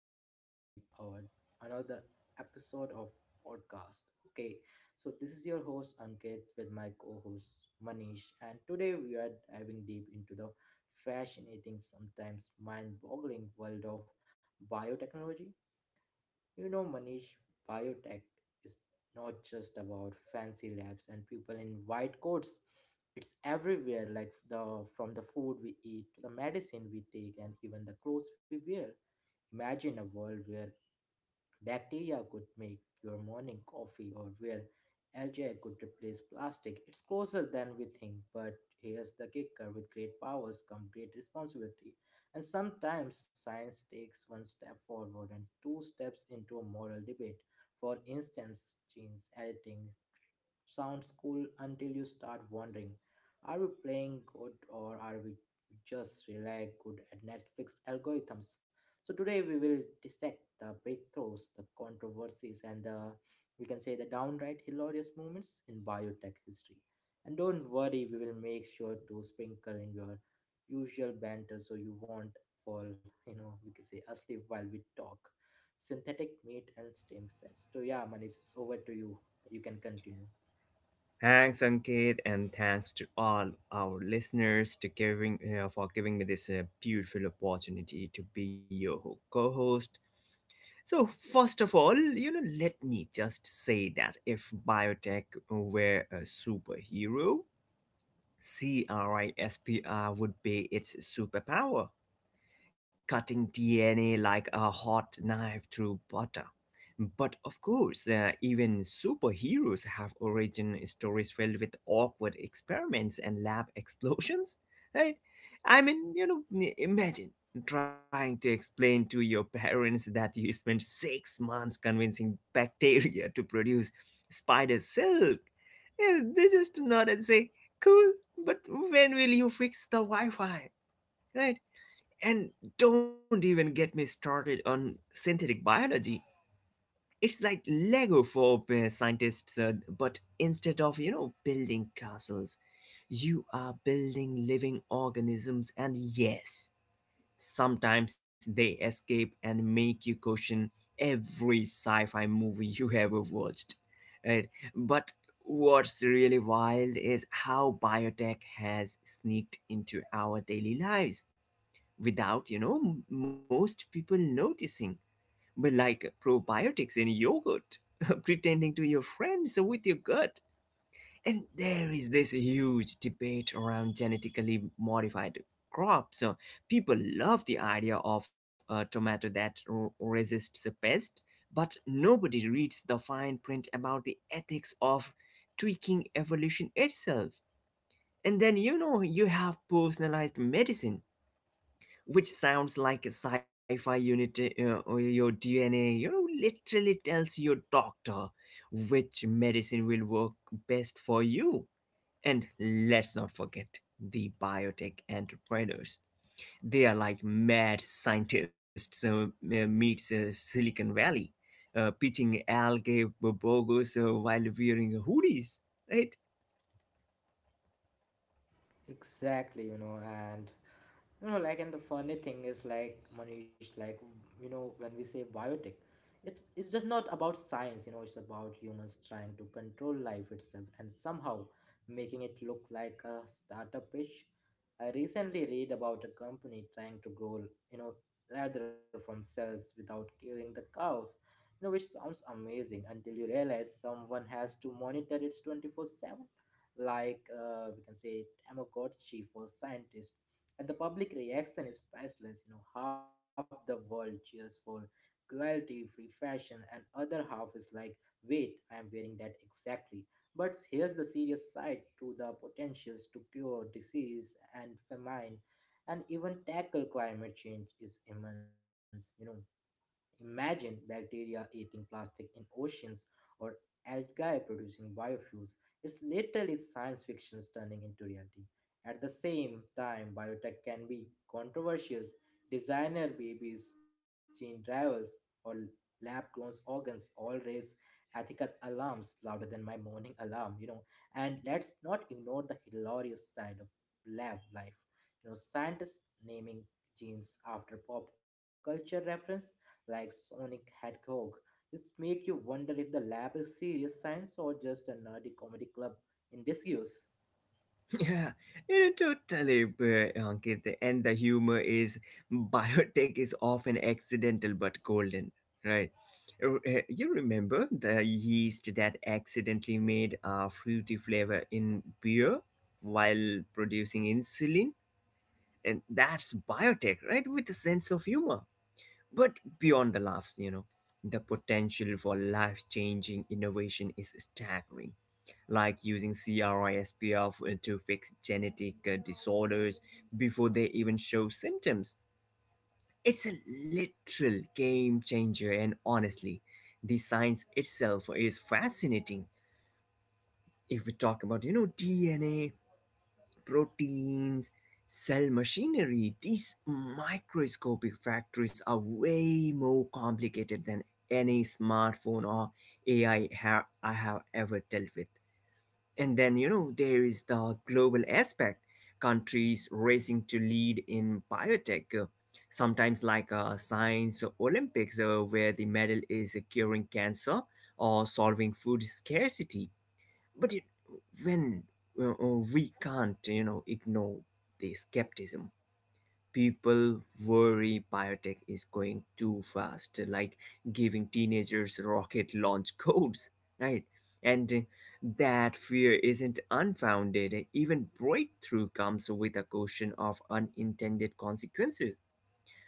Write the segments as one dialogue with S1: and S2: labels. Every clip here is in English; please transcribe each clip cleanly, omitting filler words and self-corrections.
S1: listeners in our another episode of podcast. Okay, so this is your host Ankit with my co-host Manish, and today we are diving deep into the fascinating, sometimes mind-boggling world of biotechnology. You know, Manish, biotech is not just about fancy labs and people in white coats. It's everywhere, like the from the food we eat to the medicine we take and even the clothes we wear. Imagine a world where bacteria could make your morning coffee, or where algae could replace plastic. It's closer than we think, but here's the kicker: with great powers come great responsibility. And sometimes science takes one step forward and two steps into a moral debate. For instance, genes editing sounds cool until you start wondering, are we playing good or are we just really good at Netflix algorithms? So, today we will dissect the breakthroughs, the controversies, and the, we can say, the downright hilarious moments in biotech history. And don't worry, we will make sure to sprinkle in your usual banter so you won't fall, we can say, asleep while we talk. Synthetic meat and stem cells. So yeah, Manish, it's over to you. You can continue.
S2: Thanks, Ankit, and thanks to all our listeners to giving for giving me this beautiful opportunity to be your co-host. So, first of all, let me just say that if biotech were a superhero, CRISPR would be its superpower, cutting DNA like a hot knife through butter. But of course, even superheroes have origin stories filled with awkward experiments and lab explosions, right? Imagine trying to explain to your parents that you spent 6 months convincing bacteria to produce spider silk. Yeah, they just nod and say, cool, but when will you fix the Wi Fi? And don't even get me started on synthetic biology. It's like Lego for scientists, but instead of, building castles, you are building living organisms, and yes, sometimes they escape and make you question every sci fi movie you ever watched. Right? But what's really wild is how biotech has sneaked into our daily lives without most people noticing, but like probiotics in yogurt pretending to your friends with your gut. And there is this huge debate around genetically modified crops. So people love the idea of a tomato that resists pests, but nobody reads the fine print about the ethics of tweaking evolution itself. And then, you know, you have personalized medicine, which sounds like a sci-fi unit, or your DNA, you know, literally tells your doctor which medicine will work best for you. And let's not forget the biotech entrepreneurs. They are like mad scientists meets Silicon Valley, pitching algae burgers while wearing hoodies, right?
S1: Exactly, you know, and you know, like, and the funny thing is, like, Manish, like, you know, when we say biotech, it's just not about science, you know, it's about humans trying to control life itself and somehow making it look like a startup pitch. I recently read about a company trying to grow, you know, leather from cells without killing the cows, you know, which sounds amazing until you realize someone has to monitor it 24/7, like, we can say, tamagotchi for scientists. And the public reaction is priceless. You know, half the world cheers for cruelty free fashion, and other half is like, wait, I am wearing that exactly. But here's the serious side: to the potentials to cure disease and famine and even tackle climate change is immense. You know, imagine bacteria eating plastic in oceans, or algae producing biofuels. It's literally science fiction turning into reality. At the same time, biotech can be controversial. Designer babies, gene drivers, or lab grown organs all raise ethical alarms louder than my morning alarm, you know. And let's not ignore the hilarious side of lab life. You know, scientists naming genes after pop culture reference like Sonic Hedgehog. It's make you wonder if the lab is serious science or just a nerdy comedy club in disuse.
S2: Yeah, you know, totally, Ankit. And the humor is, biotech is often accidental but golden, right? You remember the yeast that accidentally made a fruity flavor in beer while producing insulin? And that's biotech, right? With a sense of humor. But beyond the laughs, you know, the potential for life changing innovation is staggering, like using CRISPR to fix genetic disorders before they even show symptoms. It's a literal game changer, and honestly, the science itself is fascinating. If we talk about, you know, DNA, proteins, cell machinery, these microscopic factories are way more complicated than any smartphone or AI I have ever dealt with. And then, you know, there is the global aspect, countries racing to lead in biotech, sometimes like science Olympics, where the medal is curing cancer or solving food scarcity. But you, when, we can't, you know, ignore the skepticism. People worry biotech is going too fast, like giving teenagers rocket launch codes, right? And that fear isn't unfounded. Even breakthrough comes with a caution of unintended consequences,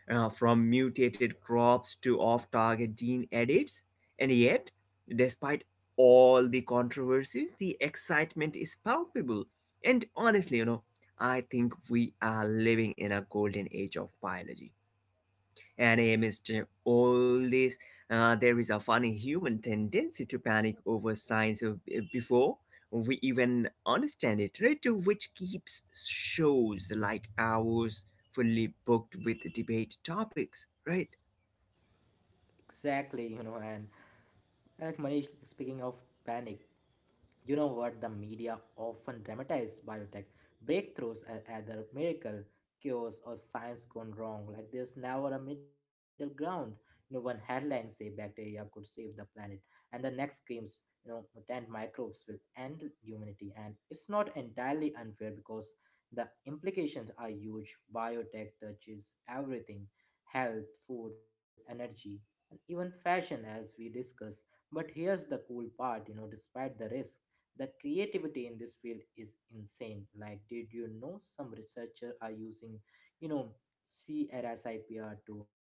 S2: from mutated crops to off target gene edits. And yet, despite all the controversies, the excitement is palpable. And honestly, you know, I think we are living in a golden age of biology. And amidst all this, there is a funny human tendency to panic over science before we even understand it, right? Which keeps shows like ours fully booked with debate topics, right?
S1: Exactly, you know, and like Manish, speaking of panic, you know what? The media often dramatize biotech breakthroughs as either miracle, cures, or science gone wrong. Like there's never a middle ground. You know, one headline say bacteria could save the planet, and the next screams, you know, mutant microbes will end humanity. And it's not entirely unfair because the implications are huge. Biotech touches everything: health, food, energy, and even fashion, as we discussed. But here's the cool part, you know, despite the risk, the creativity in this field is insane. Like, did you know some researchers are using, you know, CRSIPR to, you know,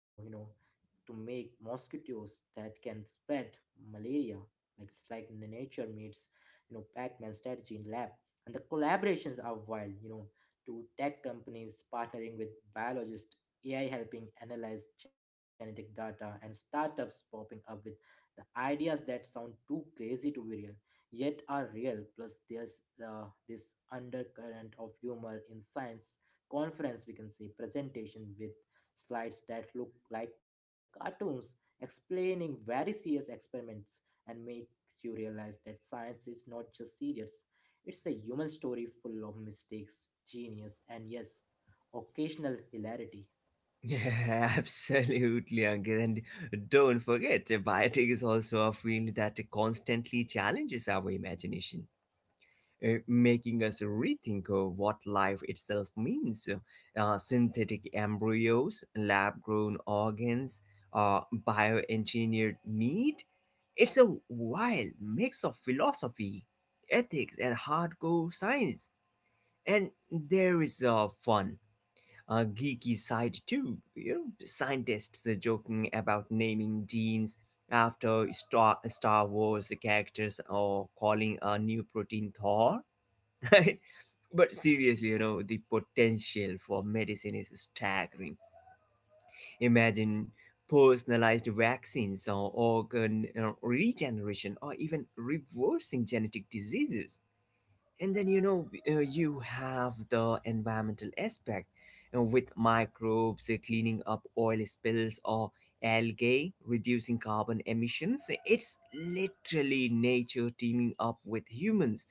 S1: to make mosquitoes that can spread malaria. Like it's like nature meets, you know, Pac-Man strategy in lab. And the collaborations are wild, you know, to tech companies partnering with biologists, AI helping analyze genetic data, and startups popping up with the ideas that sound too crazy to be real yet are real. Plus, there's this undercurrent of humor in science conference, we can see presentation with slides that look like cartoons explaining very serious experiments, and makes you realize that science is not just serious. It's a human story full of mistakes, genius, and yes, occasional hilarity.
S2: Yeah, absolutely, Ankit. And don't forget, biotic is also a field that constantly challenges our imagination, making us rethink what life itself means. Synthetic embryos, lab grown organs, bioengineered meat. It's a wild mix of philosophy, ethics, and hardcore science. And there is fun. A geeky side too, you know. Scientists are joking about naming genes after Star Wars characters, or calling a new protein Thor. Right? But seriously, you know, the potential for medicine is staggering. Imagine personalized vaccines, or organ regeneration, or even reversing genetic diseases. And then, you know, you have the environmental aspect, with microbes cleaning up oil spills, or algae, reducing carbon emissions. It's literally nature teaming up with humans.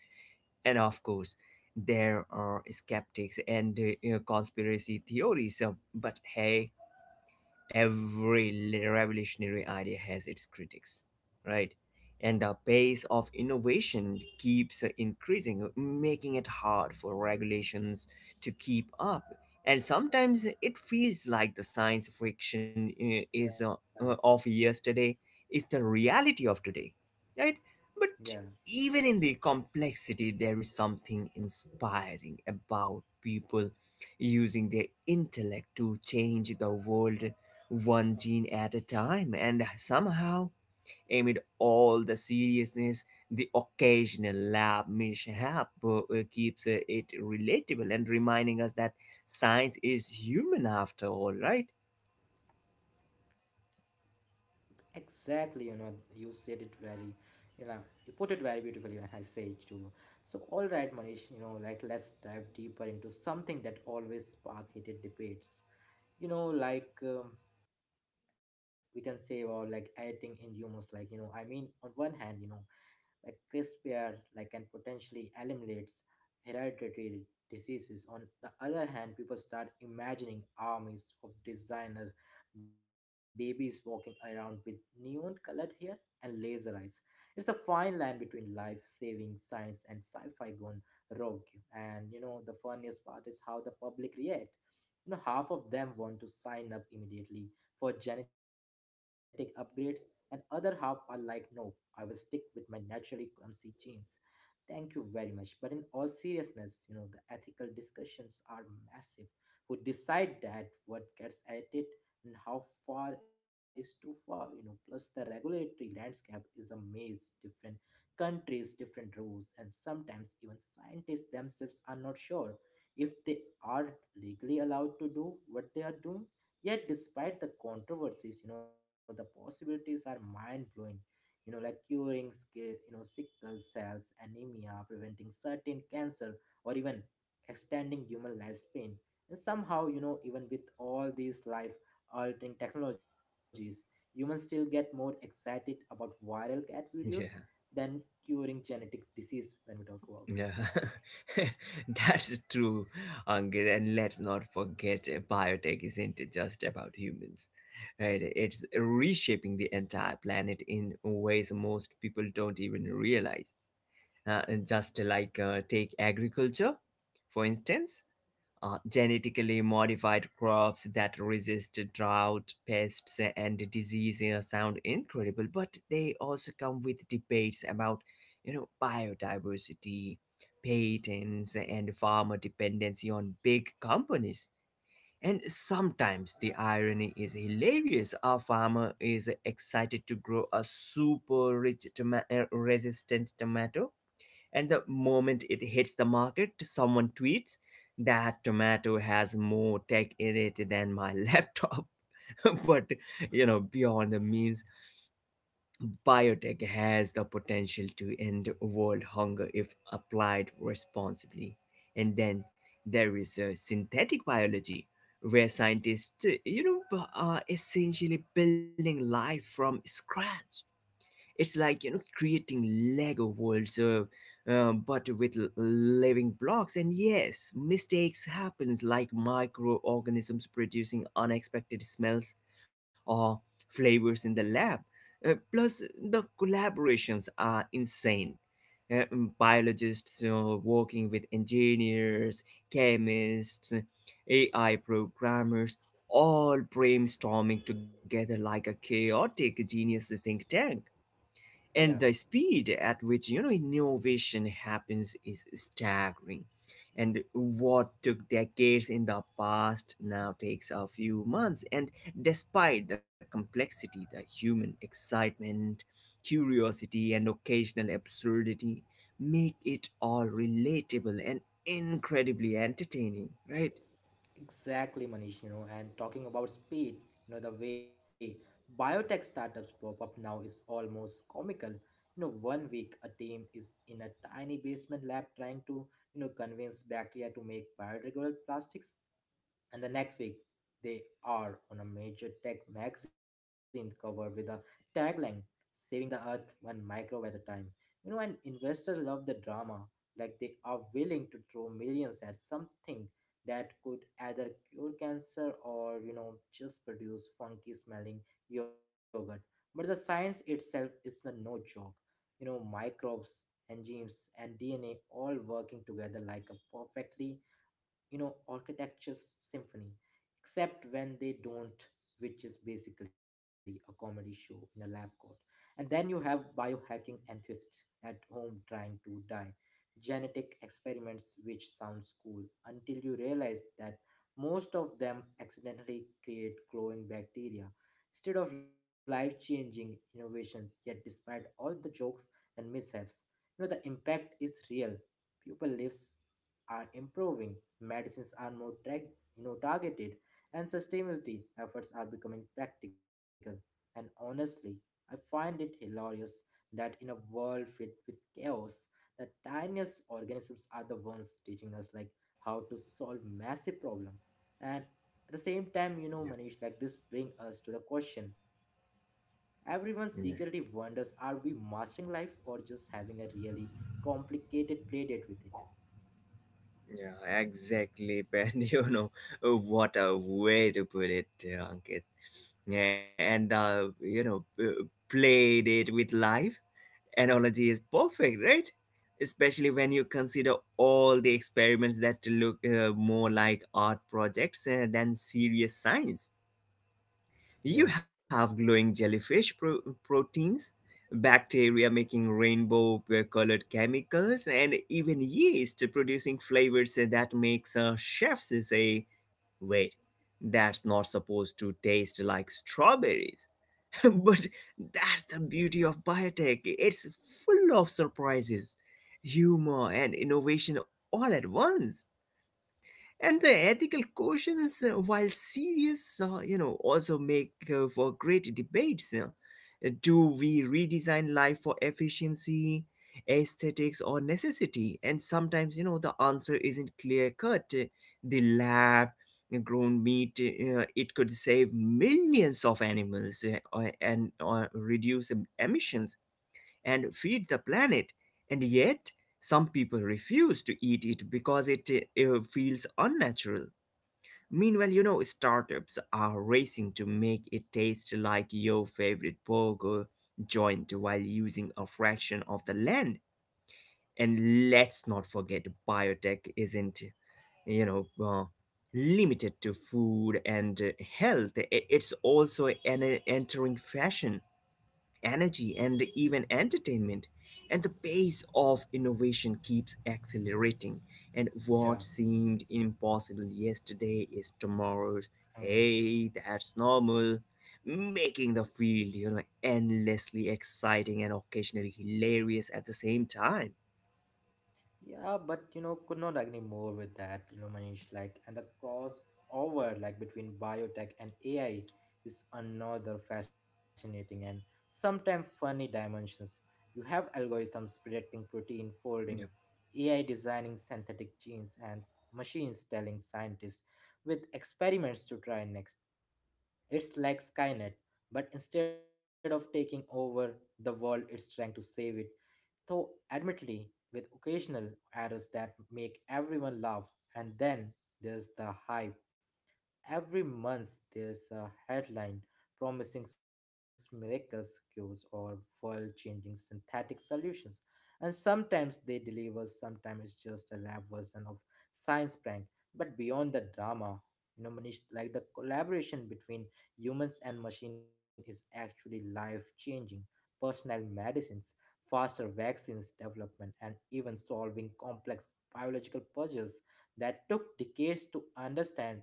S2: And of course, there are skeptics and, you know, conspiracy theories. But hey, every revolutionary idea has its critics, right? And the pace of innovation keeps increasing, making it hard for regulations to keep up. And sometimes it feels like the science fiction is of
S1: Yeah,
S2: yesterday is the reality of today, right? But even
S1: yeah.
S2: in the complexity, there is something inspiring about people using their intellect to change the world one gene at a time. And somehow, amid all the seriousness, the occasional lab mishap keeps it relatable, and reminding us that science is human after all, right?
S1: Exactly, you know, you said it very, you know, you put it very beautifully, and I say it to you. So, all right, Manish, you know, like, let's dive deeper into something that always spark heated debates. You know, like, we can say about like editing in humors, like, you know, I mean, on one hand, you know, like CRISPR like can potentially eliminates hereditary diseases. On the other hand, people start imagining armies of designer babies walking around with neon colored hair and laser eyes. It's a fine line between life-saving science and sci-fi gone rogue. And you know the funniest part is how the public react. You know, half of them want to sign up immediately for genetic upgrades, and other half are like, no, I will stick with my naturally clumsy genes. Thank you very much. But in all seriousness, you know, the ethical discussions are massive. Who decide that what gets edited, and how far is too far? You know, plus the regulatory landscape is a maze, different countries, different rules, and sometimes even scientists themselves are not sure if they are legally allowed to do what they are doing. Yet, despite the controversies, you know, the possibilities are mind blowing, you know, like curing, you know, sickle cells anemia, preventing certain cancer, or even extending human lifespan. And somehow, you know, even with all these life-altering technologies, humans still get more excited about viral cat
S2: Yeah.
S1: videos than curing genetic disease when we talk
S2: Yeah,
S1: about.
S2: that's true, Angit. And let's not forget, biotech isn't just about humans, right? It's reshaping the entire planet in ways most people don't even realize, just like, take agriculture for instance. Genetically modified crops that resist drought, pests, and disease sound incredible, but they also come with debates about, you know, biodiversity, patents, and farmer dependency on big companies. And sometimes the irony is hilarious. A farmer is excited to grow a super rich resistant tomato, and the moment it hits the market, someone tweets, that tomato has more tech in it than my laptop. But you know, beyond the memes, biotech has the potential to end world hunger if applied responsibly. And then there is synthetic biology, where scientists, are essentially building life from scratch. It's like, you know, creating Lego worlds, but with living blocks. And yes, mistakes happens, like microorganisms producing unexpected smells or flavors in the lab. Plus, the collaborations are insane. Uh, Biologists working with engineers, chemists, AI programmers, all brainstorming together like a chaotic genius think tank. And the
S1: Yeah.
S2: speed at which, you know, innovation happens is staggering. And what took decades in the past now takes a few months. And despite the complexity, the human excitement, curiosity, and occasional absurdity make it all relatable and incredibly entertaining, right?
S1: Exactly, Manish, you know, and talking about speed, you know, the way biotech startups pop up now is almost comical. You know, 1 week a team is in a tiny basement lab trying to, you know, convince bacteria to make biodegradable plastics. And the next week, they are on a major tech magazine cover with a tagline, Saving the Earth One Microbe at a Time. You know, and investors love the drama, like they are willing to throw millions at something that could either cure cancer or, you know, just produce funky smelling yogurt. But the science itself is a no joke. You know, microbes, enzymes, and DNA all working together like a perfectly, you know, architecture symphony, except when they don't, which is basically a comedy show in a lab coat. And then you have biohacking enthusiasts at home trying to die genetic experiments, which sounds cool until you realize that most of them accidentally create glowing bacteria instead of life-changing innovation. Yet despite all the jokes and mishaps, you know, the impact is real. People lives are improving, medicines are more you know, targeted, and sustainability efforts are becoming practical. And honestly, I find it hilarious that in a world filled with chaos, the tiniest organisms are the ones teaching us, like, how to solve massive problem. And at the same time, you know, Manish, like, this bring us to the question. Everyone secretly
S2: Yeah.
S1: wonders, are we mastering life or just having a really complicated play date with it?
S2: Yeah, exactly, Ben. You know, what a way to put it, Ankit. Yeah, and, played it with live analogy is perfect, right? Especially when you consider all the experiments that look more like art projects than serious science.
S1: Yeah,
S2: You have glowing proteins, bacteria making rainbow colored chemicals, and even yeast producing flavors that makes chefs say, wait, that's not supposed to taste like strawberries. But that's the beauty of biotech. It's full of surprises, humor, and innovation all at once. And the ethical questions, while serious, also make for great debates. Do we redesign life for efficiency, aesthetics, or necessity? And sometimes, you know, the answer isn't clear cut. The lab grown meat, it could save millions of animals and or reduce emissions and feed the planet. And yet, some people refuse to eat it because it feels unnatural. Meanwhile, you know, startups are racing to make it taste like your favorite burger joint while using a fraction of the land. And let's not forget, biotech isn't, you know, uh, limited to food and health. It's also entering fashion, energy, and even entertainment. And the pace of innovation keeps accelerating. And
S1: yeah,
S2: what seemed impossible yesterday is tomorrow's,
S1: hmm.
S2: hey, that's normal, making the field, you know, endlessly exciting and occasionally hilarious at the same time.
S1: Yeah, but you know, could not agree more with that, you know, Manish. Like, and the crossover, like between biotech and AI, is another fascinating and sometimes funny dimensions. You have algorithms predicting protein folding, AI designing synthetic genes, and machines telling scientists with experiments to try next. It's like Skynet, but instead of taking over the world, it's trying to save it, though admittedly with occasional errors that make everyone laugh. And then there's the hype. Every month, there's a headline promising miraculous cures or world changing synthetic solutions. And sometimes they deliver, sometimes it's just a lab version of science prank. But beyond the drama, you know, Manish, like, the collaboration between humans and machine is actually life changing. Personal medicines, faster vaccines development, and even solving complex biological puzzles that took decades to understand.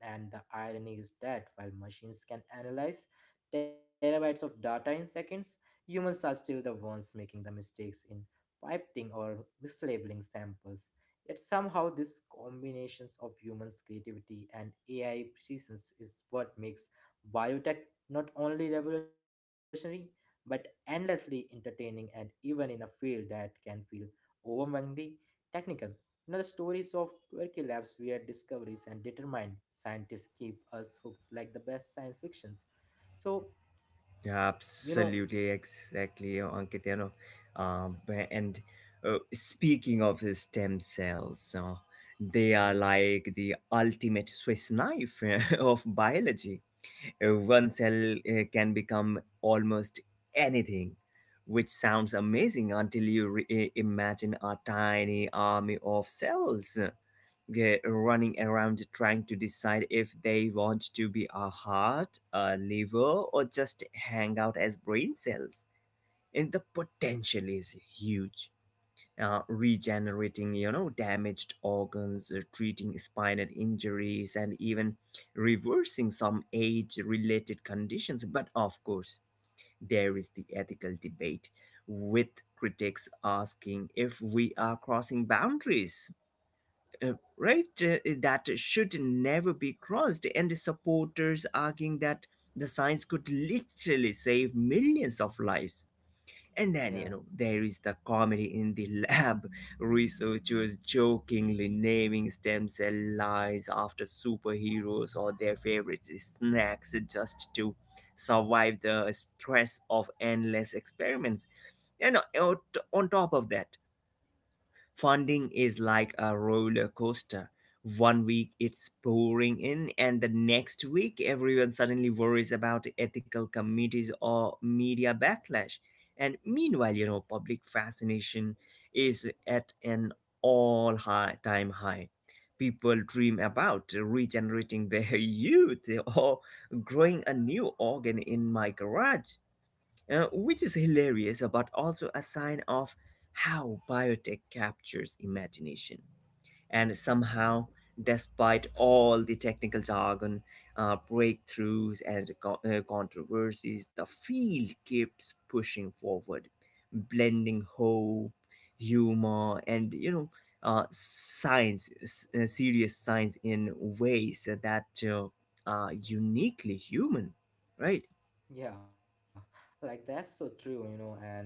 S1: And the irony is that while machines can analyze terabytes of data in seconds, humans are still the ones making the mistakes in pipetting or mislabeling samples. Yet somehow this combinations of humans' creativity and AI presence is what makes biotech not only revolutionary but endlessly entertaining. And even in a field that can feel overwhelmingly technical, you know, the stories of quirky labs, weird discoveries, and determined scientists keep us hooked like the best science fictions. So, you know,
S2: Absolutely, exactly, Ankit. You know, and, speaking of the stem cells, they are
S1: yeah,
S2: like the ultimate Swiss knife of biology. One cell can become almost anything, which sounds amazing until you imagine a tiny army of cells running around trying to decide if they want to be a heart, a liver, or just hang out as brain cells. And the potential is huge. Regenerating, you know, damaged organs, treating spinal injuries, and even reversing some age-related conditions. But of course, there is the ethical debate, with critics asking if we are crossing boundaries, uh, right that should never be crossed, and supporters arguing that the science could literally save millions of lives. And
S1: yeah,
S2: then, you know, there is the comedy in the lab, researchers jokingly naming stem cell lines after superheroes or their favorite snacks just to survive the stress of endless experiments. And, on top of that, funding is like a roller coaster. One week it's pouring in, and the next week everyone suddenly worries about ethical committees or media backlash. And meanwhile, you know, public fascination is at an all high time high. People dream about regenerating their youth, or growing a new organ in my garage, which is hilarious but also a sign of how biotech captures imagination. And somehow, despite all the technical jargon, breakthroughs, and controversies, the field keeps pushing forward, blending hope, humor, and science, serious science in ways that are uniquely human, right?
S1: yeah, like that's so true, you know, and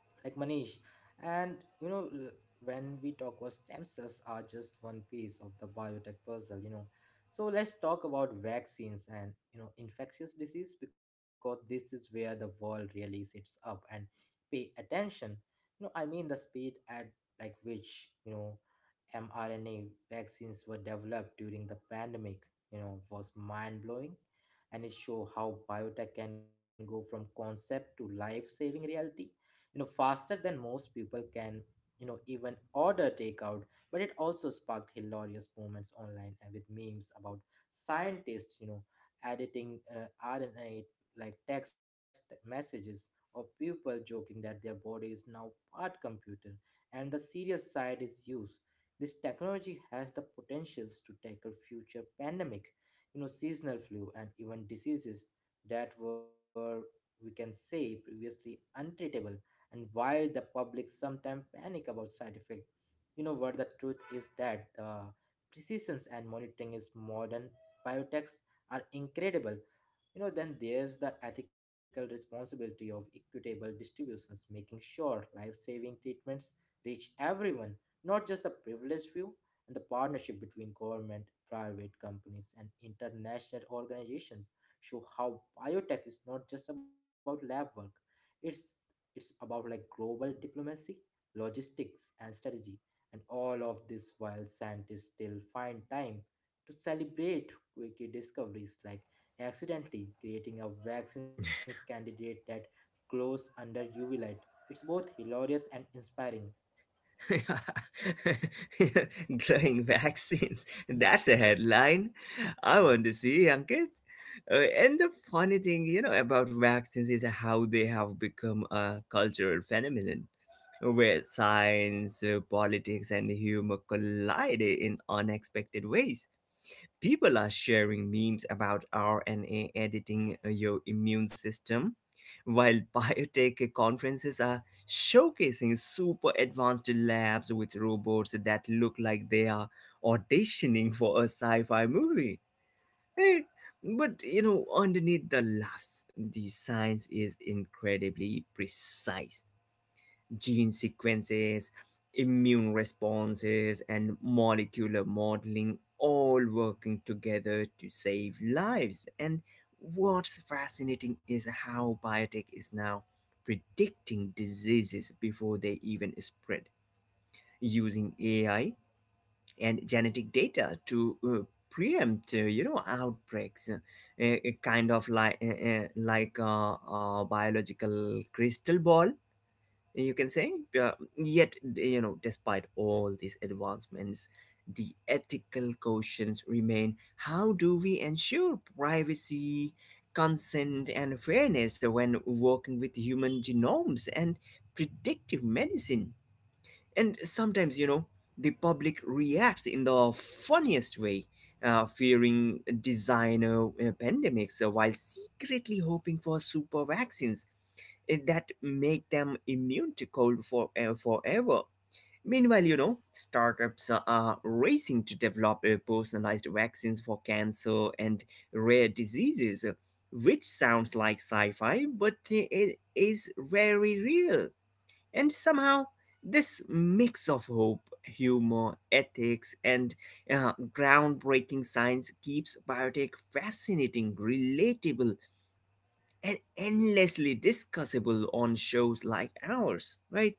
S1: like Manish. And you know, when we talk about stem cells are just one piece of the biotech puzzle, you know. So let's talk about vaccines and, you know, infectious disease, because this is where the world really sits up and pay attention. I mean the speed at like which mRNA vaccines were developed during the pandemic, was mind blowing, and it show how biotech can go from concept to life saving reality faster than most people can even order takeout. But it also sparked hilarious moments online and with memes about scientists editing rna like text messages, or people joking that their body is now part computer. And the serious side is use this technology has the potentials to tackle future pandemic, seasonal flu, and even diseases that were, we can say, previously untreatable. And while the public sometimes panic about side effects, you know what, the truth is that the precision and monitoring is modern biotechs are incredible. Then there's the ethical responsibility of equitable distributions, making sure life-saving treatments reach everyone, not just the privileged few, and the partnership between government, private companies, and international organizations show how biotech is not just about lab work. It's it's about like global diplomacy, logistics, and strategy. And all of this while scientists still find time to celebrate quirky discoveries like accidentally creating a vaccines candidate that glows under UV light. It's both hilarious and inspiring.
S2: Glowing vaccines. That's a headline. I
S1: Yeah.
S2: want to see, Ankit. And the funny thing, you know, about vaccines is how they have become a cultural phenomenon where science, politics, and humor collide in unexpected ways. People are sharing memes about RNA editing your immune system, while biotech conferences are showcasing super advanced labs with robots that look like they are auditioning for a sci fi movie. Hey, but you know, underneath the laughs, the science is incredibly precise gene sequences, immune responses, and molecular modeling all working together to save lives. And what's fascinating is how biotech is now predicting diseases before they even spread using AI and genetic data to preempt, you know, outbreaks, kind of like a biological crystal ball you can say uh, yet you know despite all these advancements the ethical questions remain how do we ensure privacy consent and fairness when working with human genomes and predictive medicine and sometimes, you know, the public reacts in the funniest way, fearing designer pandemics while secretly hoping for super vaccines that make them immune to cold for forever. Meanwhile, you know, startups are racing to develop personalized vaccines for cancer and rare diseases, which sounds like sci fi, but it is very real. And somehow, this mix of hope, humor, ethics, and groundbreaking science keeps biotech fascinating, relatable, and endlessly discussable on shows like ours, right?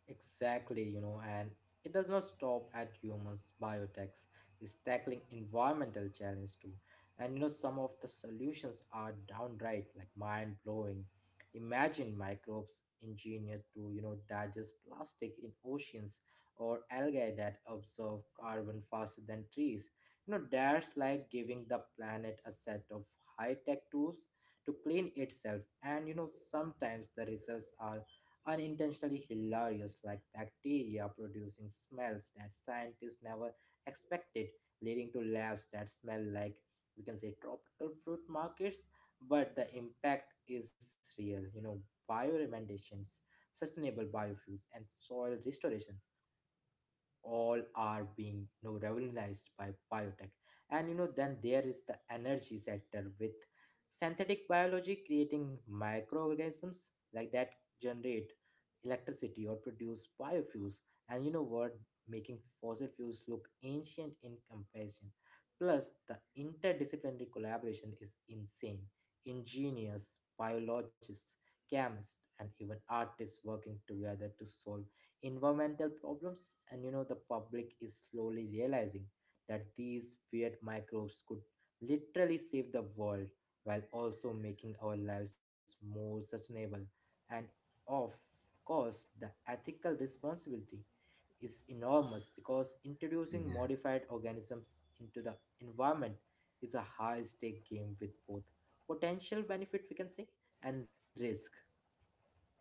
S1: Exactly, and it does not stop at humans. Biotech is tackling environmental challenge too. And some of the solutions are downright like mind blowing. Imagine microbes engineered to digest plastic in oceans, or algae that absorb carbon faster than trees. That's like giving the planet a set of high tech tools to clean itself. And sometimes the results are unintentionally hilarious, like bacteria producing smells that scientists never expected, leading to laughs that smell like, we can say, tropical fruit markets, but the impact is real. Bioremediations, sustainable biofuels, and soil restorations all are being revolutionized by biotech. And then there is the energy sector with synthetic biology creating microorganisms like that generate electricity or produce biofuels. And you know what, making fossil fuels look ancient in comparison, plus the interdisciplinary collaboration is insane: engineers, biologists, chemists, and even artists working together to solve environmental problems. And the public is slowly realizing that these weird microbes could literally save the world while also making our lives more sustainable. And, of course, the ethical responsibility is enormous because introducing
S2: Yeah,
S1: modified organisms into the environment is a high stake game with both potential benefit, we can say, and risk.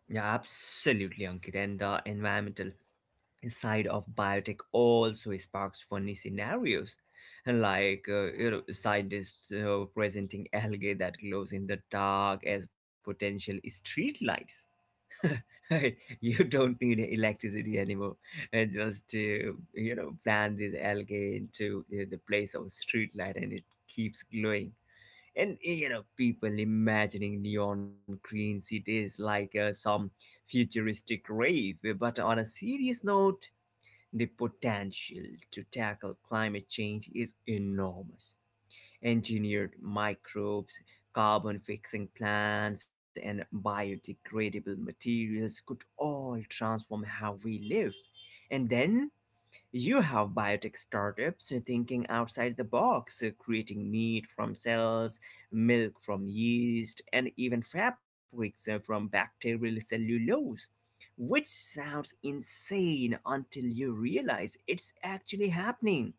S2: yeah, absolutely, Ankit. And the environmental side of biotech also sparks funny scenarios, like you know scientists presenting algae that glows in the dark as potential streetlights. You don't need electricity anymore. Just to you know, plant this algae into the place of a street light, and it keeps glowing. And you know, people imagining neon green cities like some futuristic rave. But on a serious note, the potential to tackle climate change is enormous engineered microbes, carbon fixing plants, and biodegradable materials could all transform how we live. And then you have biotech startups thinking outside the box, creating meat from cells, milk from yeast, and even fabrics from bacterial cellulose, which sounds insane until you realize it's actually happening.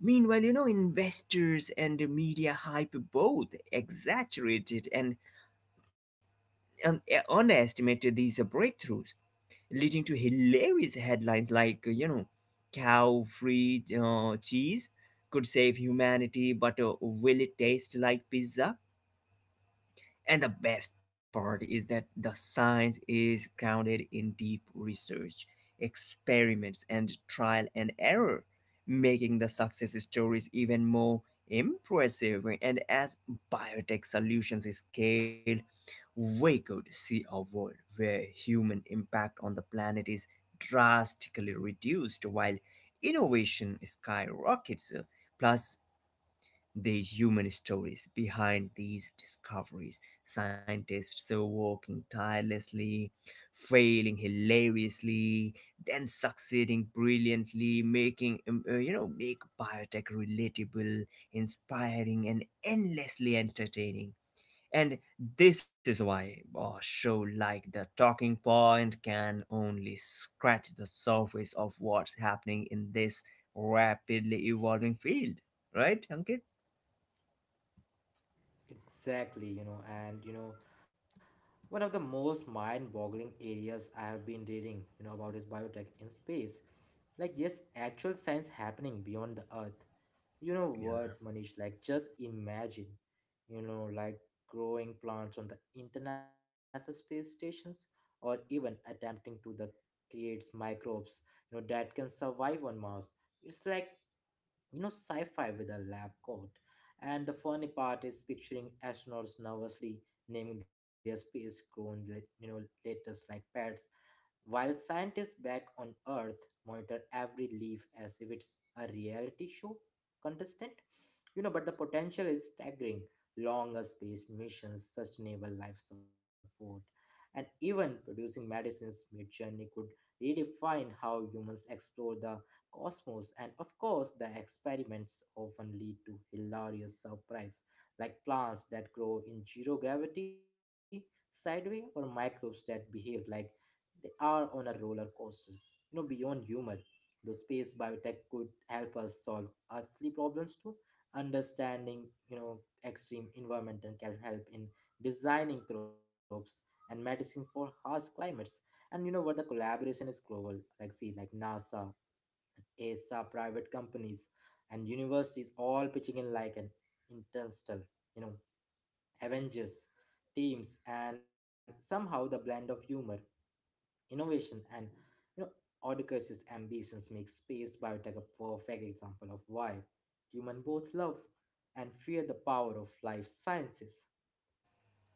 S2: Meanwhile, you know, investors and the media hype both exaggerated and um, underestimated these breakthroughs, leading to hilarious headlines like, you know, cow free cheese could save humanity, but will it taste like pizza? And the best part is that the science is grounded in deep research, experiments, and trial and error, making the success stories even more impressive. And as biotech solutions scale, we could see a world where human impact on the planet is drastically reduced while innovation skyrockets. Plus, the human stories behind these discoveries, scientists so working tirelessly, failing hilariously, then succeeding brilliantly, making you know make biotech relatable, inspiring, and endlessly entertaining. And this is why a show like The Talking Point can only scratch the surface of what's happening in this rapidly evolving field. Right, Ankit?
S1: Exactly, and one of the most mind-boggling areas I have been reading, about is biotech in space. Like, yes, actual science happening beyond the Earth. You know what, Manish? Like, just imagine, like growing plants on the International Space Stations, or even attempting to the creates microbes, that can survive on Mars. It's like, sci-fi with a lab coat. And the funny part is picturing astronauts nervously naming their space grown, you know latest, like pets, while scientists back on Earth monitor every leaf as if it's a reality show contestant, but the potential is staggering. Longer space missions, sustainable life support, and even producing medicines mid-journey could redefine how humans explore the cosmos. And of course, the experiments often lead to hilarious surprise, like plants that grow in zero gravity sideways, or microbes that behave like they are on a roller coaster. Beyond humor, the space biotech could help us solve earthly problems too. Understanding, extreme environment can help in designing crops and medicine for harsh climates. And you know what? The collaboration is global. Like see, like NASA, ESA, private companies, and universities all pitching in like an interstellar, you know, Avengers teams, and somehow the blend of humor, innovation, and you know Oedipus's ambitions make space biotech a perfect example of why human both love and fear the power of life sciences.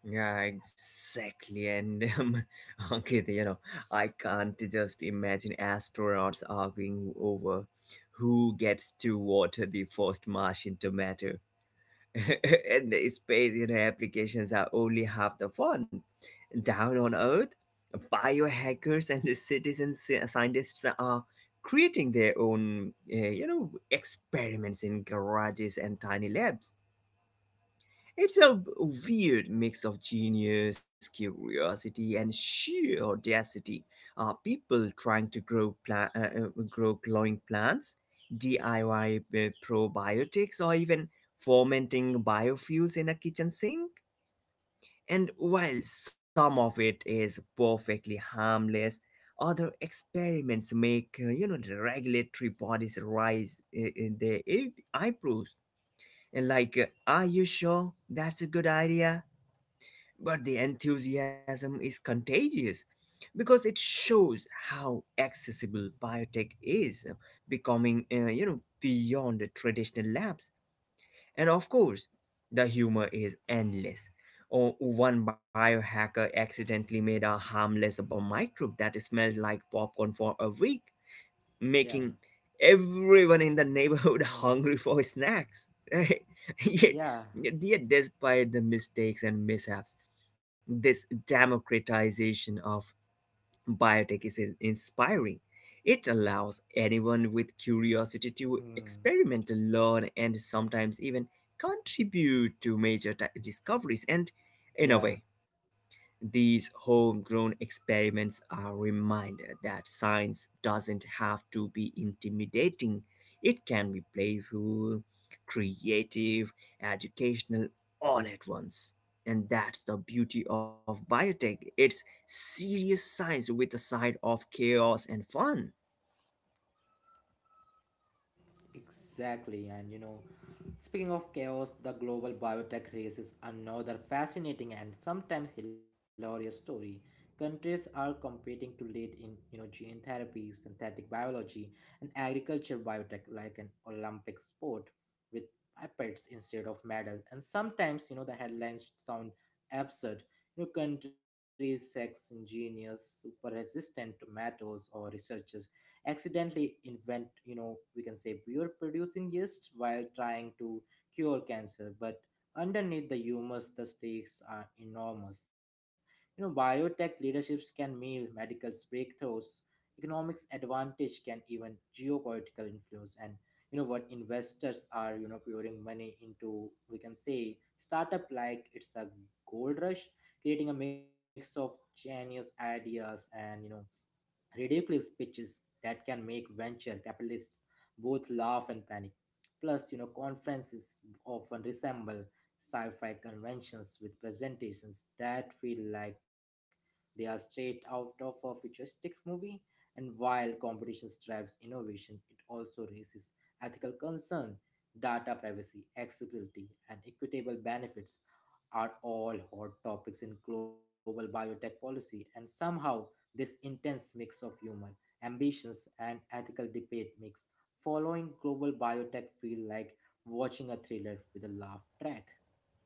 S2: Yeah, exactly. And okay, you know, I can't just imagine astronauts arguing over who gets to water the first Martian tomato. And the space, you know, applications are only half the fun. Down on Earth, biohackers and the scientists are creating their own, you know, experiments in garages and tiny labs. It's a weird mix of genius, curiosity, and sheer audacity. People trying to grow glowing plants, DIY probiotics, or even fermenting biofuels in a kitchen sink. And while some of it is perfectly harmless, other experiments make you know the regulatory bodies rise in their eyebrows. And like, are you sure that's a good idea? But the enthusiasm is contagious because it shows how accessible biotech is, becoming, you know, beyond the traditional labs. And of course, the humor is endless. Oh, one biohacker accidentally made a harmless microbe that smelled like popcorn for a week,
S1: Yeah.
S2: making everyone in the neighborhood
S1: Hmm.
S2: hungry for snacks, right? Yet,
S1: Yeah.
S2: yet, despite the mistakes and mishaps, this democratization of biotech is inspiring. It allows anyone with curiosity to
S1: Hmm.
S2: experiment, learn, and sometimes even contribute to major discoveries. And in a
S1: Yeah.
S2: way, these homegrown experiments are a reminder that science doesn't have to be intimidating. It can be playful, creative, educational, all at once. And that's the beauty of biotech. It's serious science with a side of chaos and fun.
S1: Exactly. And speaking of chaos, the global biotech race is another fascinating and sometimes hilarious story. Countries are competing to lead in, gene therapy, synthetic biology, and agriculture biotech like an Olympic sport with pipettes instead of medals. And sometimes, the headlines sound absurd. Countries, sex, ingenious, super resistant tomatoes, or researchers accidentally invent, we can say, beer producing yeast while trying to cure cancer. But underneath the humus, the stakes are enormous. Biotech leaderships can mean medical breakthroughs, economics advantage, can even geopolitical influence. And you know what, investors are pouring money into, we can say, startup like it's a gold rush, creating a mix of genius ideas and ridiculous pitches that can make venture capitalists both laugh and panic. Plus, conferences often resemble sci-fi conventions with presentations that feel like they are straight out of a futuristic movie. And while competition drives innovation, it also raises ethical concern. Data privacy, accessibility, and equitable benefits are all hot topics in global biotech policy, and somehow this intense mix of humor, ambitions, and ethical debate makes following global biotech feel like watching a thriller with a laugh track.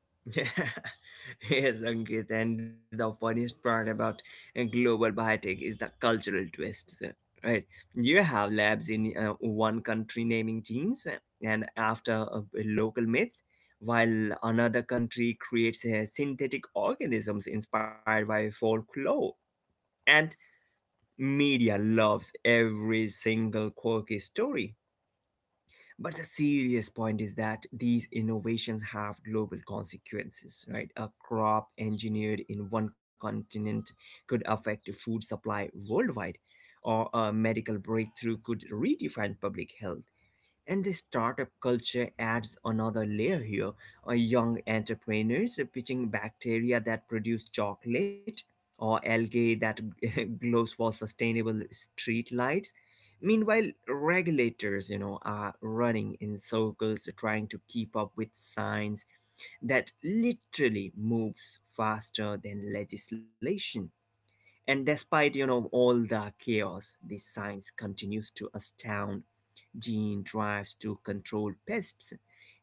S2: Yes, Ankit, and the funniest part about global biotech is the cultural twists. Right, you have labs in one country naming genes, and after local myths, while another country creates synthetic organisms inspired by folklore. And media loves every single quirky story. But the serious point is that these innovations have global consequences, right? A crop engineered in one continent could affect the food supply worldwide, or a medical breakthrough could redefine public health. And the startup culture adds another layer here. Young entrepreneurs pitching bacteria that produce chocolate or algae that glows for sustainable street lights. Meanwhile, regulators, you know, are running in circles trying to keep up with science that literally moves faster than legislation. And despite, you know, all the chaos, the science continues to astound gene drives to control pests,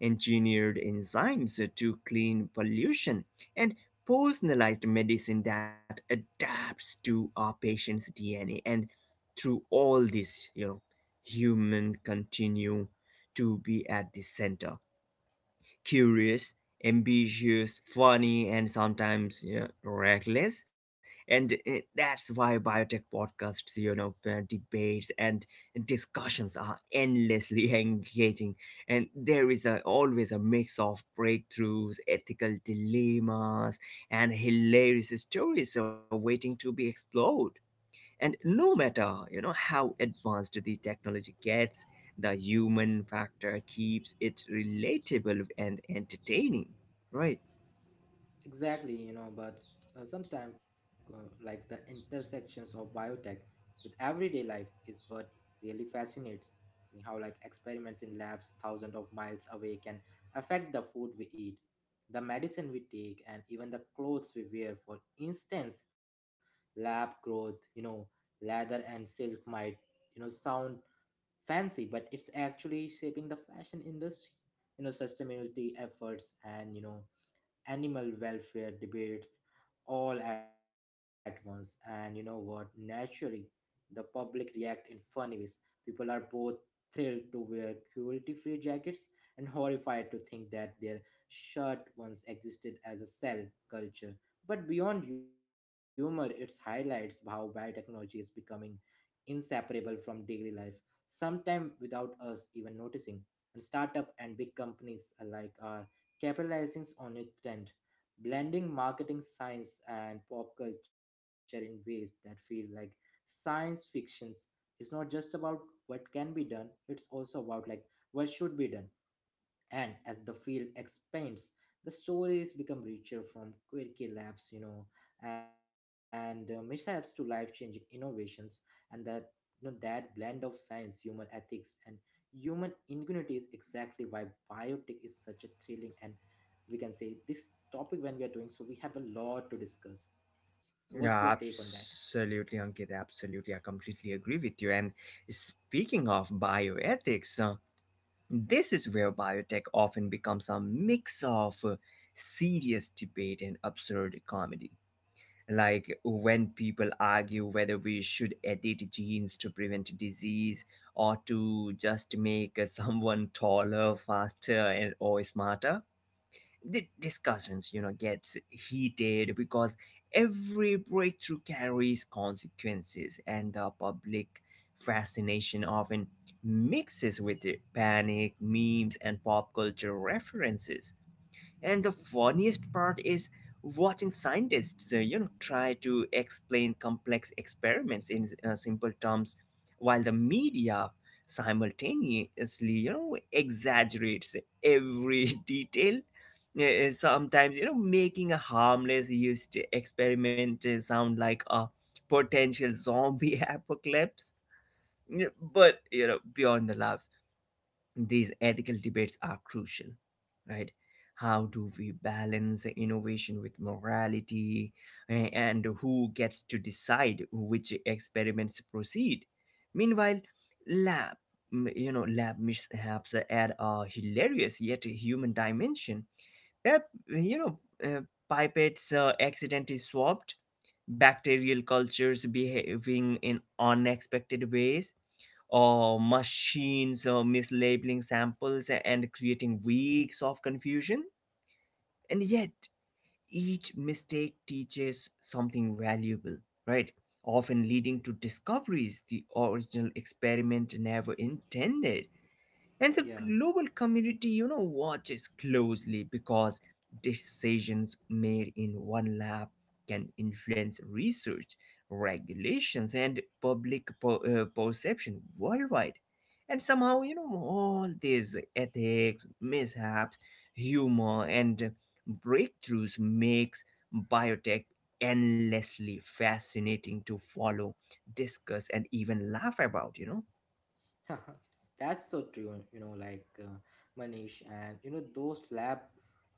S2: engineered enzymes to clean pollution, and personalized medicine that adapts to our patient's DNA. And through all this, you know, human continue to be at the center curious, ambitious, funny, and sometimes you know, reckless. And that's why biotech podcasts, you know, debates and discussions are endlessly engaging. And there is a, always a mix of breakthroughs, ethical dilemmas, and hilarious stories are waiting to be explored. And no matter, you know, how advanced the technology gets, the human factor keeps it relatable and entertaining, right?
S1: Exactly, but sometimes like the intersections of biotech with everyday life is what really fascinates me. How like experiments in labs thousands of miles away can affect the food we eat, the medicine we take, and even the clothes we wear. For instance, lab growth, leather and silk might, sound fancy, but it's actually shaping the fashion industry. Sustainability efforts and animal welfare debates all at once. And you know what? Naturally, the public react in funny ways. People are both thrilled to wear cruelty free jackets and horrified to think that their shirt once existed as a cell culture. But beyond humor, it highlights how biotechnology is becoming inseparable from daily life, sometimes without us even noticing. And startup and big companies alike are capitalizing on a trend, blending marketing science and pop culture in ways that feel like science fictions. It's not just about what can be done, it's also about like what should be done. And as the field expands, the stories become richer from quirky labs, and mishaps to life-changing innovations. And that that blend of science, human ethics, and human ingenuity is exactly why biotech is such a thrilling. And we can say this topic when we are doing so, we have a lot to discuss. So what's your take on that?
S2: Yeah, absolutely, Ankit. Absolutely. I completely agree with you. And speaking of bioethics, this is where biotech often becomes a mix of serious debate and absurd comedy, like when people argue whether we should edit genes to prevent disease or to just make someone taller, faster, and or smarter. The discussions you know gets heated because every breakthrough carries consequences and the public fascination often mixes with it, panic memes and pop culture references. And the funniest part is watching scientists, you know, try to explain complex experiments in simple terms, while the media simultaneously, you know, exaggerates every detail. Sometimes, you know, making a harmless used experiment sound like a potential zombie apocalypse. But you know, beyond the laughs these ethical debates are crucial, right? How do we balance innovation with morality? And who gets to decide which experiments proceed? Meanwhile, lab you know lab mishaps add a hilarious yet human dimension. You know pipettes accidentally swapped, bacterial cultures behaving in unexpected ways, or machines or mislabeling samples and creating weeks of confusion. And yet, each mistake teaches something valuable, right? Often leading to discoveries the original experiment never intended.
S1: Yeah.
S2: And the global community, you know, watches closely because decisions made in one lab can influence research, regulations, and perception worldwide. And somehow, you know, all these ethics, mishaps, humor, and breakthroughs makes biotech endlessly fascinating to follow, discuss, and even laugh about, you know.
S1: That's so true, like Manish, and those lab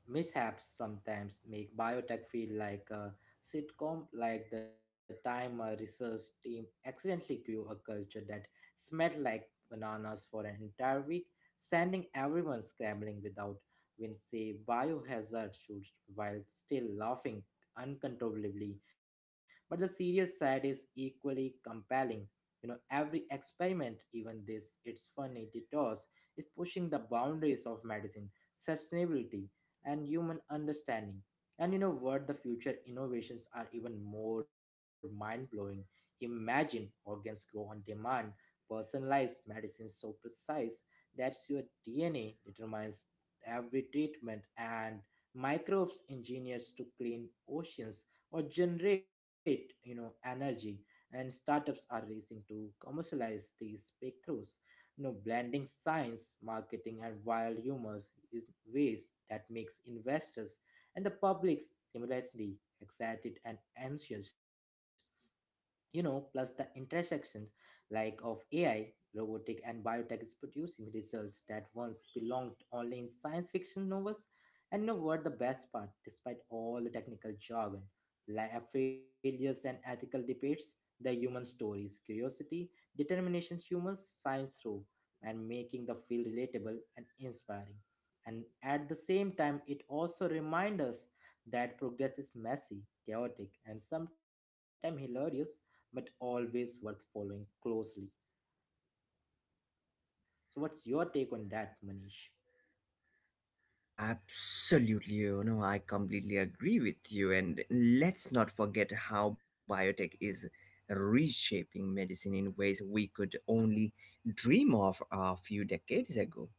S1: mishaps sometimes make biotech feel like a sitcom, like the time a research team accidentally grew a culture that smelled like bananas for an entire week, sending everyone scrambling without, when say, biohazard shoots while still laughing uncontrollably. But the serious side is equally compelling. Every experiment, even this it's funny detours, is pushing the boundaries of medicine, sustainability, and human understanding. And you know what, the future innovations are even more mind-blowing. Imagine organs grow on demand, personalized medicine so precise that your DNA determines every treatment, and microbes engineers to clean oceans or generate, energy. And startups are racing to commercialize these breakthroughs. Blending science, marketing, and wild humors is ways that makes investors and the public simultaneously excited and anxious. Plus, the intersection like of AI, robotic, and biotech is producing results that once belonged only in science fiction novels. And you know what, the best part, despite all the technical jargon, failures, and ethical debates, the human stories, curiosity, determination, humor science through, and making the field relatable and inspiring. And at the same time, it also reminds us that progress is messy, chaotic, and sometimes hilarious, but always worth following closely. So, what's your take on that, Manish?
S2: Absolutely, you know, I completely agree with you. And let's not forget how biotech is reshaping medicine in ways we could only dream of a few decades ago.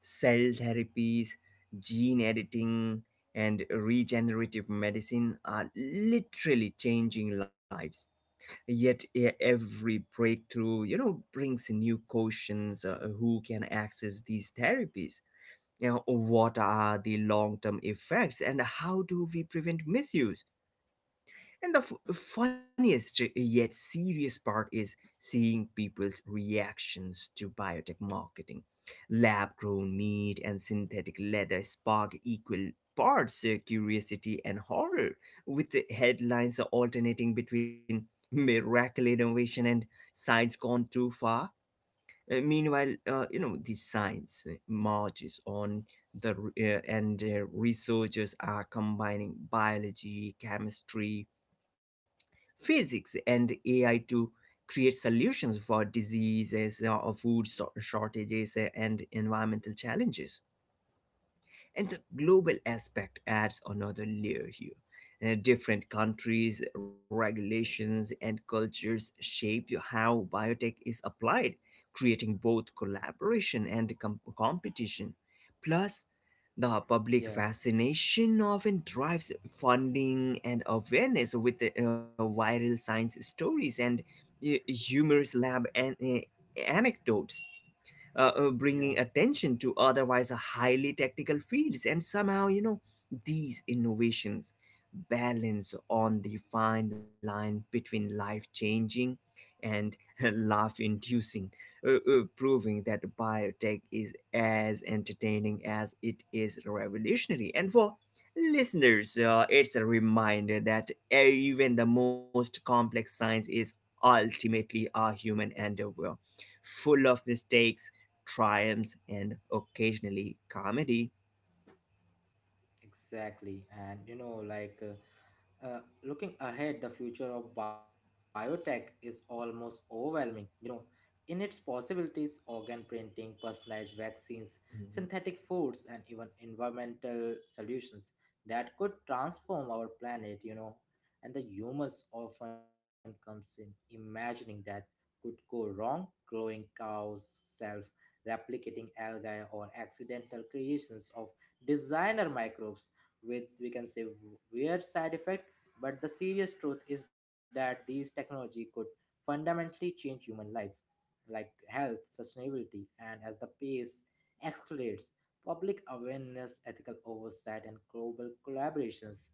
S2: Cell therapies, gene editing, and regenerative medicine are literally changing lives. Yet every breakthrough, you know, brings new questions. Who can access these therapies, you know, what are the long-term effects, and how do we prevent misuse? And the funniest yet serious part is seeing people's reactions to biotech marketing. Lab grown meat and synthetic leather spark equal parts curiosity and horror, with the headlines alternating between miracle innovation and science gone too far. Meanwhile, you know, the science marches on. The r- and Researchers are combining biology, chemistry, physics, and AI to create solutions for diseases, or shortages, and environmental challenges. And the global aspect adds another layer here. Different countries, regulations, and cultures shape how biotech is applied, creating both collaboration and competition. Plus, the public
S1: Yeah,
S2: fascination often drives funding and awareness with the, viral science stories and humorous lab anecdotes
S1: yeah,
S2: bringing attention to otherwise highly technical fields. And somehow, you know, these innovations balance on the fine line between life changing and laugh inducing, proving that biotech is as entertaining as it is revolutionary. And for listeners, it's a reminder that even the most complex science is ultimately a human endeavor, full of mistakes, triumphs, and occasionally comedy.
S1: exactly. And like looking ahead, the future of biotech is almost overwhelming. In its possibilities, organ printing, personalized vaccines,
S2: Mhm.
S1: synthetic foods, and even environmental solutions that could transform our planet. And the humors often comes in imagining that could go wrong: glowing cows, self replicating algae, or accidental creations of designer microbes with, we can say, weird side effect. But the serious truth is that these technology could fundamentally change human life like health, sustainability, and as the pace accelerates, public awareness, ethical oversight, and global collaborations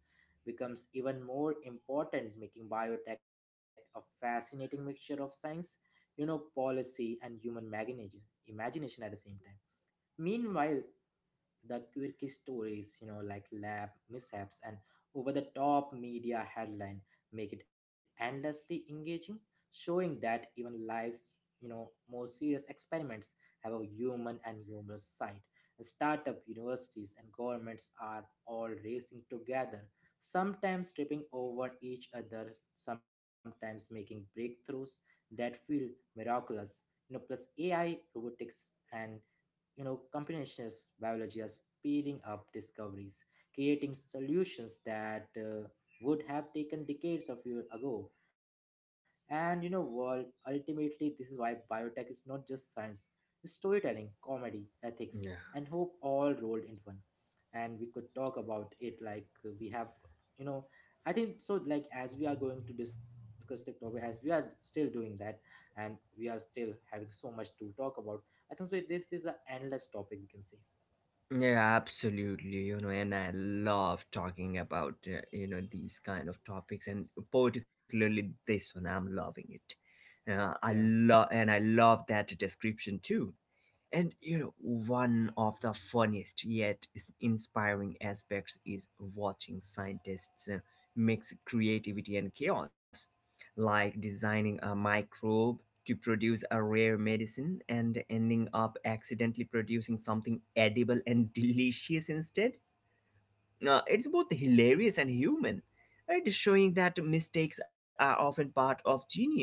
S1: becomes even more important, making biotech a fascinating mixture of science, policy, and human imagination at the same time. Meanwhile, the quirky stories, like lab mishaps and over the top media headline make it endlessly engaging, showing that even life's more serious experiments have a human and humorous side. Startup universities and governments are all racing together, sometimes tripping over each other, sometimes making breakthroughs that feel miraculous. You know, plus AI, robotics, and you know computational biology are speeding up discoveries, creating solutions that would have taken decades of years ago. And you know world ultimately this is why biotech is not just science, it's storytelling, comedy, ethics, and
S2: Yeah.
S1: hope all rolled into one. And we could talk about it like we have, you know, I think so, like as we are going to discuss the topic, as we are still doing that and we are still having so much to talk about. I think so this is an endless topic, we can say.
S2: Yeah, absolutely. And I love talking about, these kind of topics and particularly this one. I'm loving it.
S1: Yeah,
S2: I love, and I love that description too. And one of the funniest yet inspiring aspects is watching scientists mix creativity and chaos, like designing a microbe to produce a rare medicine and ending up accidentally producing something edible and delicious instead. It's both hilarious and human, right? Showing that mistakes are often part of genius,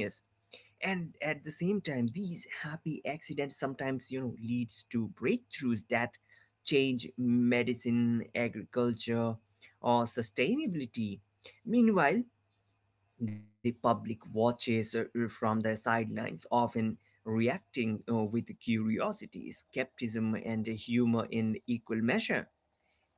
S2: and at the same time these happy accidents sometimes leads to breakthroughs that change medicine, agriculture, or sustainability. Meanwhile, the public watches from the sidelines, often reacting with curiosity, skepticism, and humor in equal measure.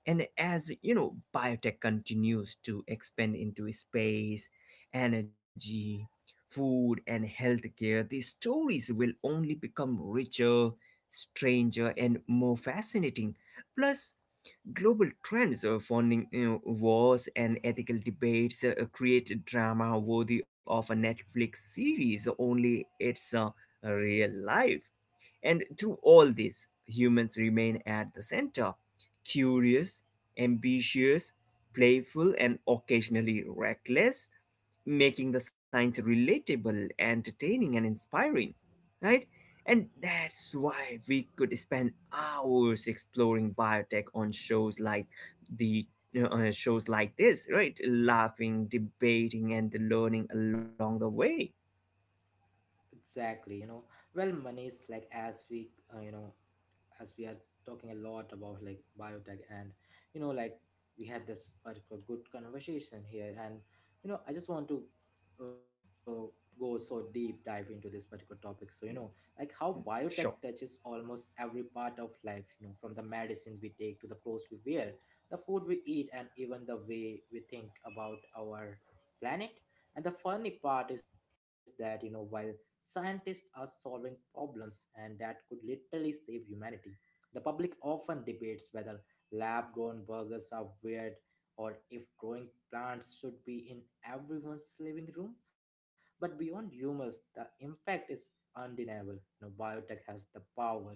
S2: And as you know, biotech continues to expand into space, energy, food, and healthcare. These stories will only become richer, stranger, and more fascinating. Plus, global trends, funding, wars, and ethical debates create drama worthy of a Netflix series, only it's real life. And through all this, humans remain at the center: curious, ambitious, playful, and occasionally reckless, making the science relatable, entertaining, and inspiring, right? And that's why we could spend hours exploring biotech on shows like the shows like this, right? Laughing, debating, and learning along the way.
S1: exactly, you know. Well money is, like as we, you know, as we are talking a lot about like biotech and, you know, like we had this particular good conversation here. And you know I just want to uh, go so deep dive into this particular topic. So you know, like how biotech
S2: Sure.
S1: touches almost every part of life, you know, from the medicine we take to the clothes we wear, the food we eat, and even the way we think about our planet. And the funny part is that, you know, while scientists are solving problems, and that could literally save humanity. The public often debates whether lab grown burgers are weird, or if growing plants should be in everyone's living room. But beyond humors, the impact is undeniable. You know, biotech has the power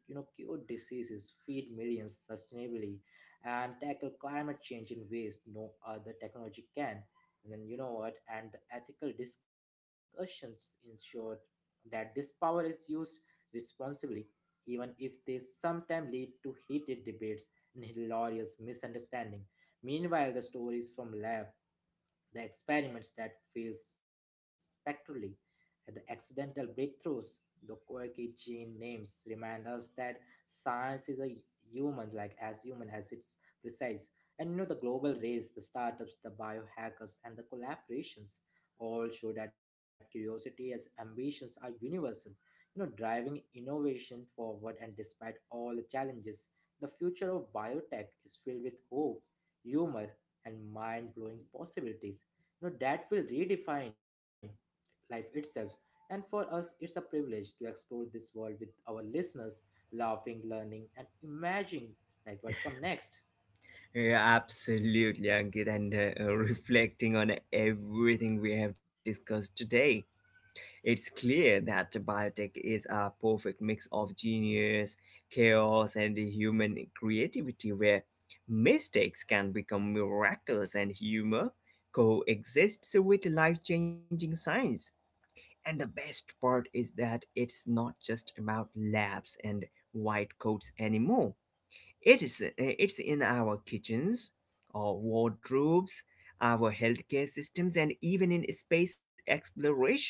S1: to, you know, cure diseases, feed millions sustainably, and tackle climate change in ways no other technology can. And then you know what? And the ethical discussions ensured that this power is used responsibly, even if they sometimes lead to heated debates and hilarious misunderstanding. Meanwhile, the stories from lab, the experiments that fail spectrally, and the accidental breakthroughs. The quirky gene names remind us that science is a human, like as human as it's precise. And you know, the global race, the startups, the biohackers, and the collaborations all show that curiosity as ambitions are universal, you know, driving innovation forward. And despite all the challenges, the future of biotech is filled with hope, humor, and mind-blowing possibilities, you know, that will redefine life itself. And for us it's a privilege to explore this world with our listeners, laughing, learning, and imagining like what come next.
S2: Yeah, absolutely, Ankit, and reflecting on everything we have discussed today. It's clear that biotech is a perfect mix of genius, chaos, and human creativity, where mistakes can become miracles and humor coexists with life changing science. And the best part is that it's not just about labs and white coats anymore. It is it's in our kitchens, our wardrobes, our healthcare systems, and even in space exploration.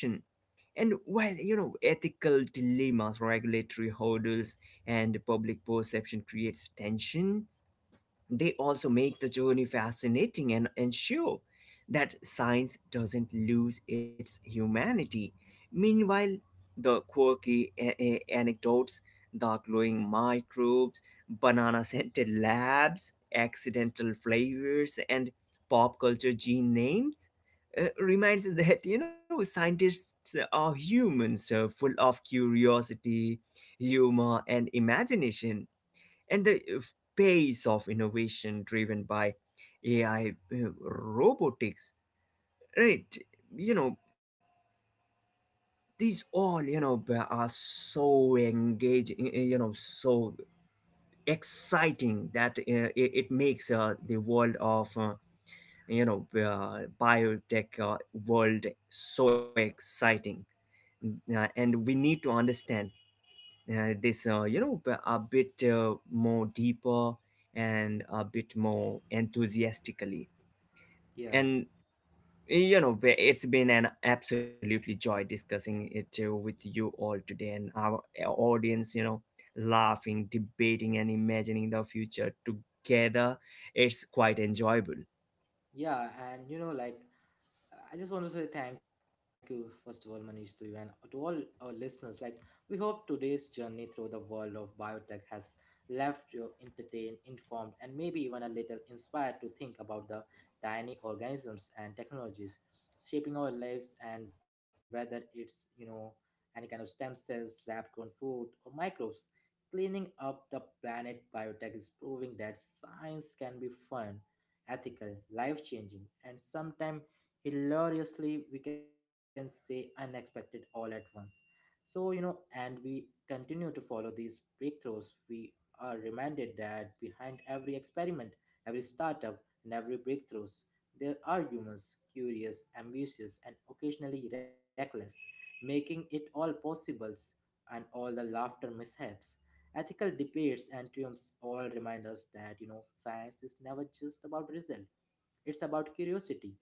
S2: And while you know, ethical dilemmas, regulatory hurdles, and public perception creates tension, they also make the journey fascinating and ensure that science doesn't lose its humanity. Meanwhile, the quirky anecdotes, the glowing microbes, banana scented labs, accidental flavors, and pop culture gene names reminds us that, you know, scientists are humans, full of curiosity, humor, and imagination. And the pace of innovation driven by AI, robotics, right? You know, these all, you know, are so engaging, so exciting that it makes the world of, biotech world so exciting. And we need to understand this, a bit more deeper, and a bit more enthusiastically.
S1: Yeah.
S2: And it's been an absolutely joy discussing it with you all today, and our audience, you know, laughing, debating, and imagining the future together. It's quite enjoyable.
S1: Yeah, and you know, like I just want to say thank you, first of all, Manish, to you and to all our listeners. Like, we hope today's journey through the world of biotech has left you entertained, informed, and maybe even a little inspired to think about the tiny organisms and technologies shaping our lives. And whether it's, you know, any kind of stem cells, lab grown food, or microbes. Cleaning up the planet, biotech is proving that science can be fun, ethical, life changing, and sometimes hilariously, we can say, unexpected all at once. So you know, and we continue to follow these breakthroughs, we are reminded that behind every experiment, every startup, and every breakthroughs, there are humans curious, ambitious, and occasionally reckless, making it all possibles. And all the laughter, mishaps, ethical debates, and triumphs all remind us that, you know, science is never just about result. It's about curiosity,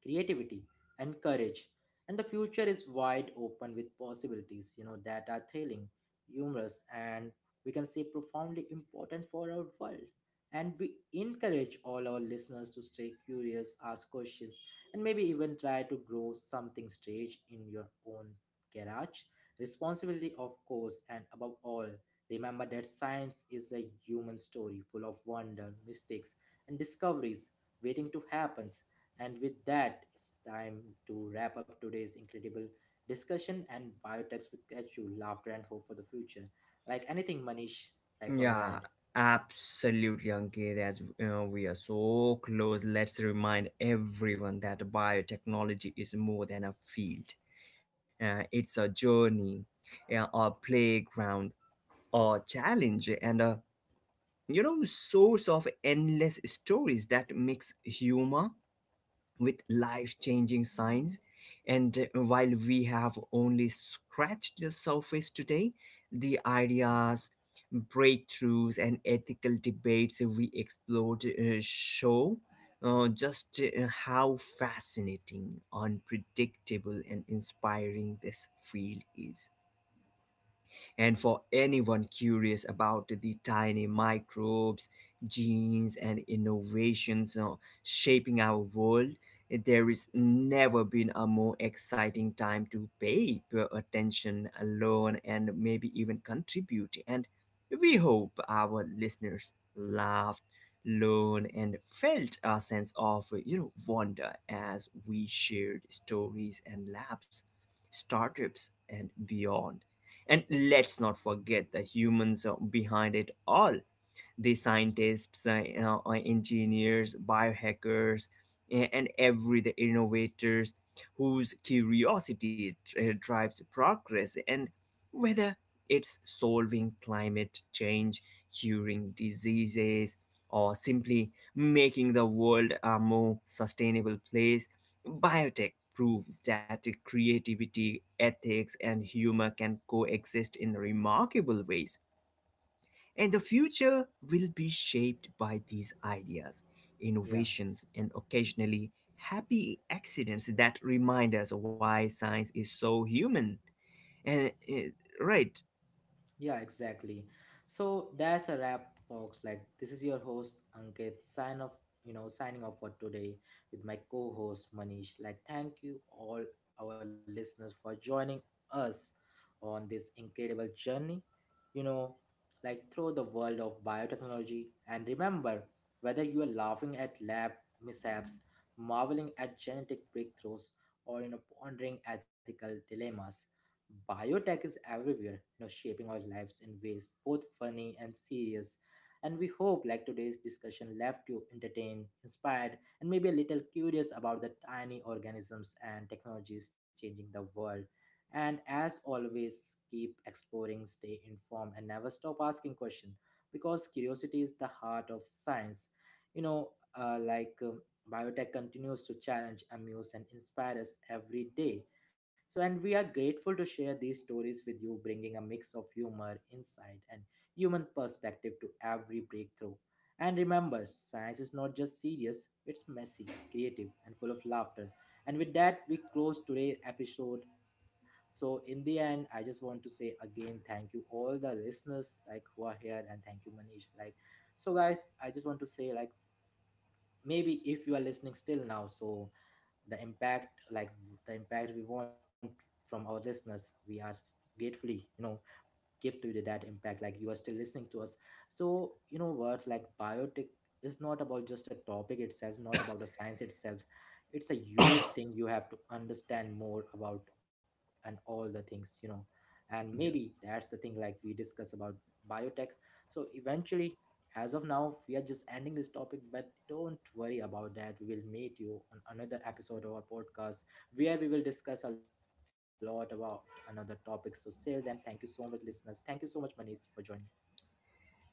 S1: creativity, and courage. And the future is wide open with possibilities, you know, that are thrilling, humorous, and we can say profoundly important for our world. And we encourage all our listeners to stay curious, ask questions, and maybe even try to grow something strange in your own garage. Responsibility, of course, and above all, remember that science is a human story full of wonder, mistakes, and discoveries waiting to happen. And with that, it's time to wrap up today's incredible discussion and biotechs with get you laughter and hope for the future. Like anything, Manish, like from your
S2: Yeah,
S1: end.
S2: absolutely, Ankit. As we are so close, let's remind everyone that biotechnology is more than a field. It's a journey, yeah, a playground, a challenge, and a, source of endless stories that mix humor with life changing signs. And while we have only scratched the surface today, the ideas, breakthroughs, and ethical debates we explored show just how fascinating, unpredictable, and inspiring this field is. And for anyone curious about the tiny microbes, genes, and innovations shaping our world, there is never been a more exciting time to pay your attention, learn, and maybe even contribute. And we hope our listeners laughed, learned, and felt a sense of, wonder as we shared stories and labs, startups, and beyond. And let's not forget the humans behind it all: the scientists, engineers, biohackers, and every the innovators whose curiosity drives progress. And whether it's solving climate change, curing diseases, or simply making the world a more sustainable place, biotech proves that creativity, ethics, and humor can coexist in remarkable ways. And the future will be shaped by these ideas,
S1: Yeah.
S2: innovations, and occasionally happy accidents that remind us why science is so human. And, eh, right.
S1: Yeah, exactly. So that's a wrap, folks. Like this is your host Ankit. Sign off, you know, signing off for today with my co-host Manish. Like, thank you all our listeners for joining us on this incredible journey. You know, like through the world of biotechnology. And remember, whether you are laughing at lab mishaps, marveling at genetic breakthroughs, or you know, pondering ethical dilemmas, biotech is everywhere, you know, shaping our lives in ways both funny and serious. And we hope like today's discussion left you entertained, inspired, and maybe a little curious about the tiny organisms and technologies changing the world. And as always, keep exploring, stay informed, and never stop asking questions, because curiosity is the heart of science. You know, uh, like um, Biotech continues to challenge, amuse, and inspire us every day. So, and we are grateful to share these stories with you, bringing a mix of humor, insight, and human perspective to every breakthrough. And remember, science is not just serious, it's messy, creative, and full of laughter. And with that, we close today's episode. So, in the end, I just want to say again, thank you all the listeners like who are here, and thank you, Manish. Like, so guys, I just want to say like maybe if you are listening still now, so the impact, like the impact we want from our listeners, we are gratefully, you know, give to the, that impact like you are still listening to us. So you know what, like biotic is not about just a topic itself, not about a science itself. It's a huge thing you have to understand more about, and all the things, you know. And maybe that's the thing like we discuss about biotech. So eventually, as of now we are just ending this topic, but don't worry about that, we will meet you on another episode of our podcast where we will discuss a lot about another topic. So, till then, thank you so much, listeners. Thank you so much, Manish, for joining me.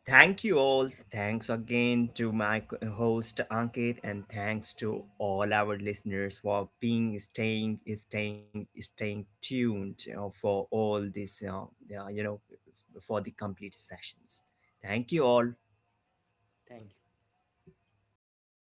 S2: Thank you all. Thanks again to my co- host Ankit, and thanks to all our listeners for being staying tuned, you know, for all this, yeah, for the complete sessions. Thank you all.
S1: Thank you.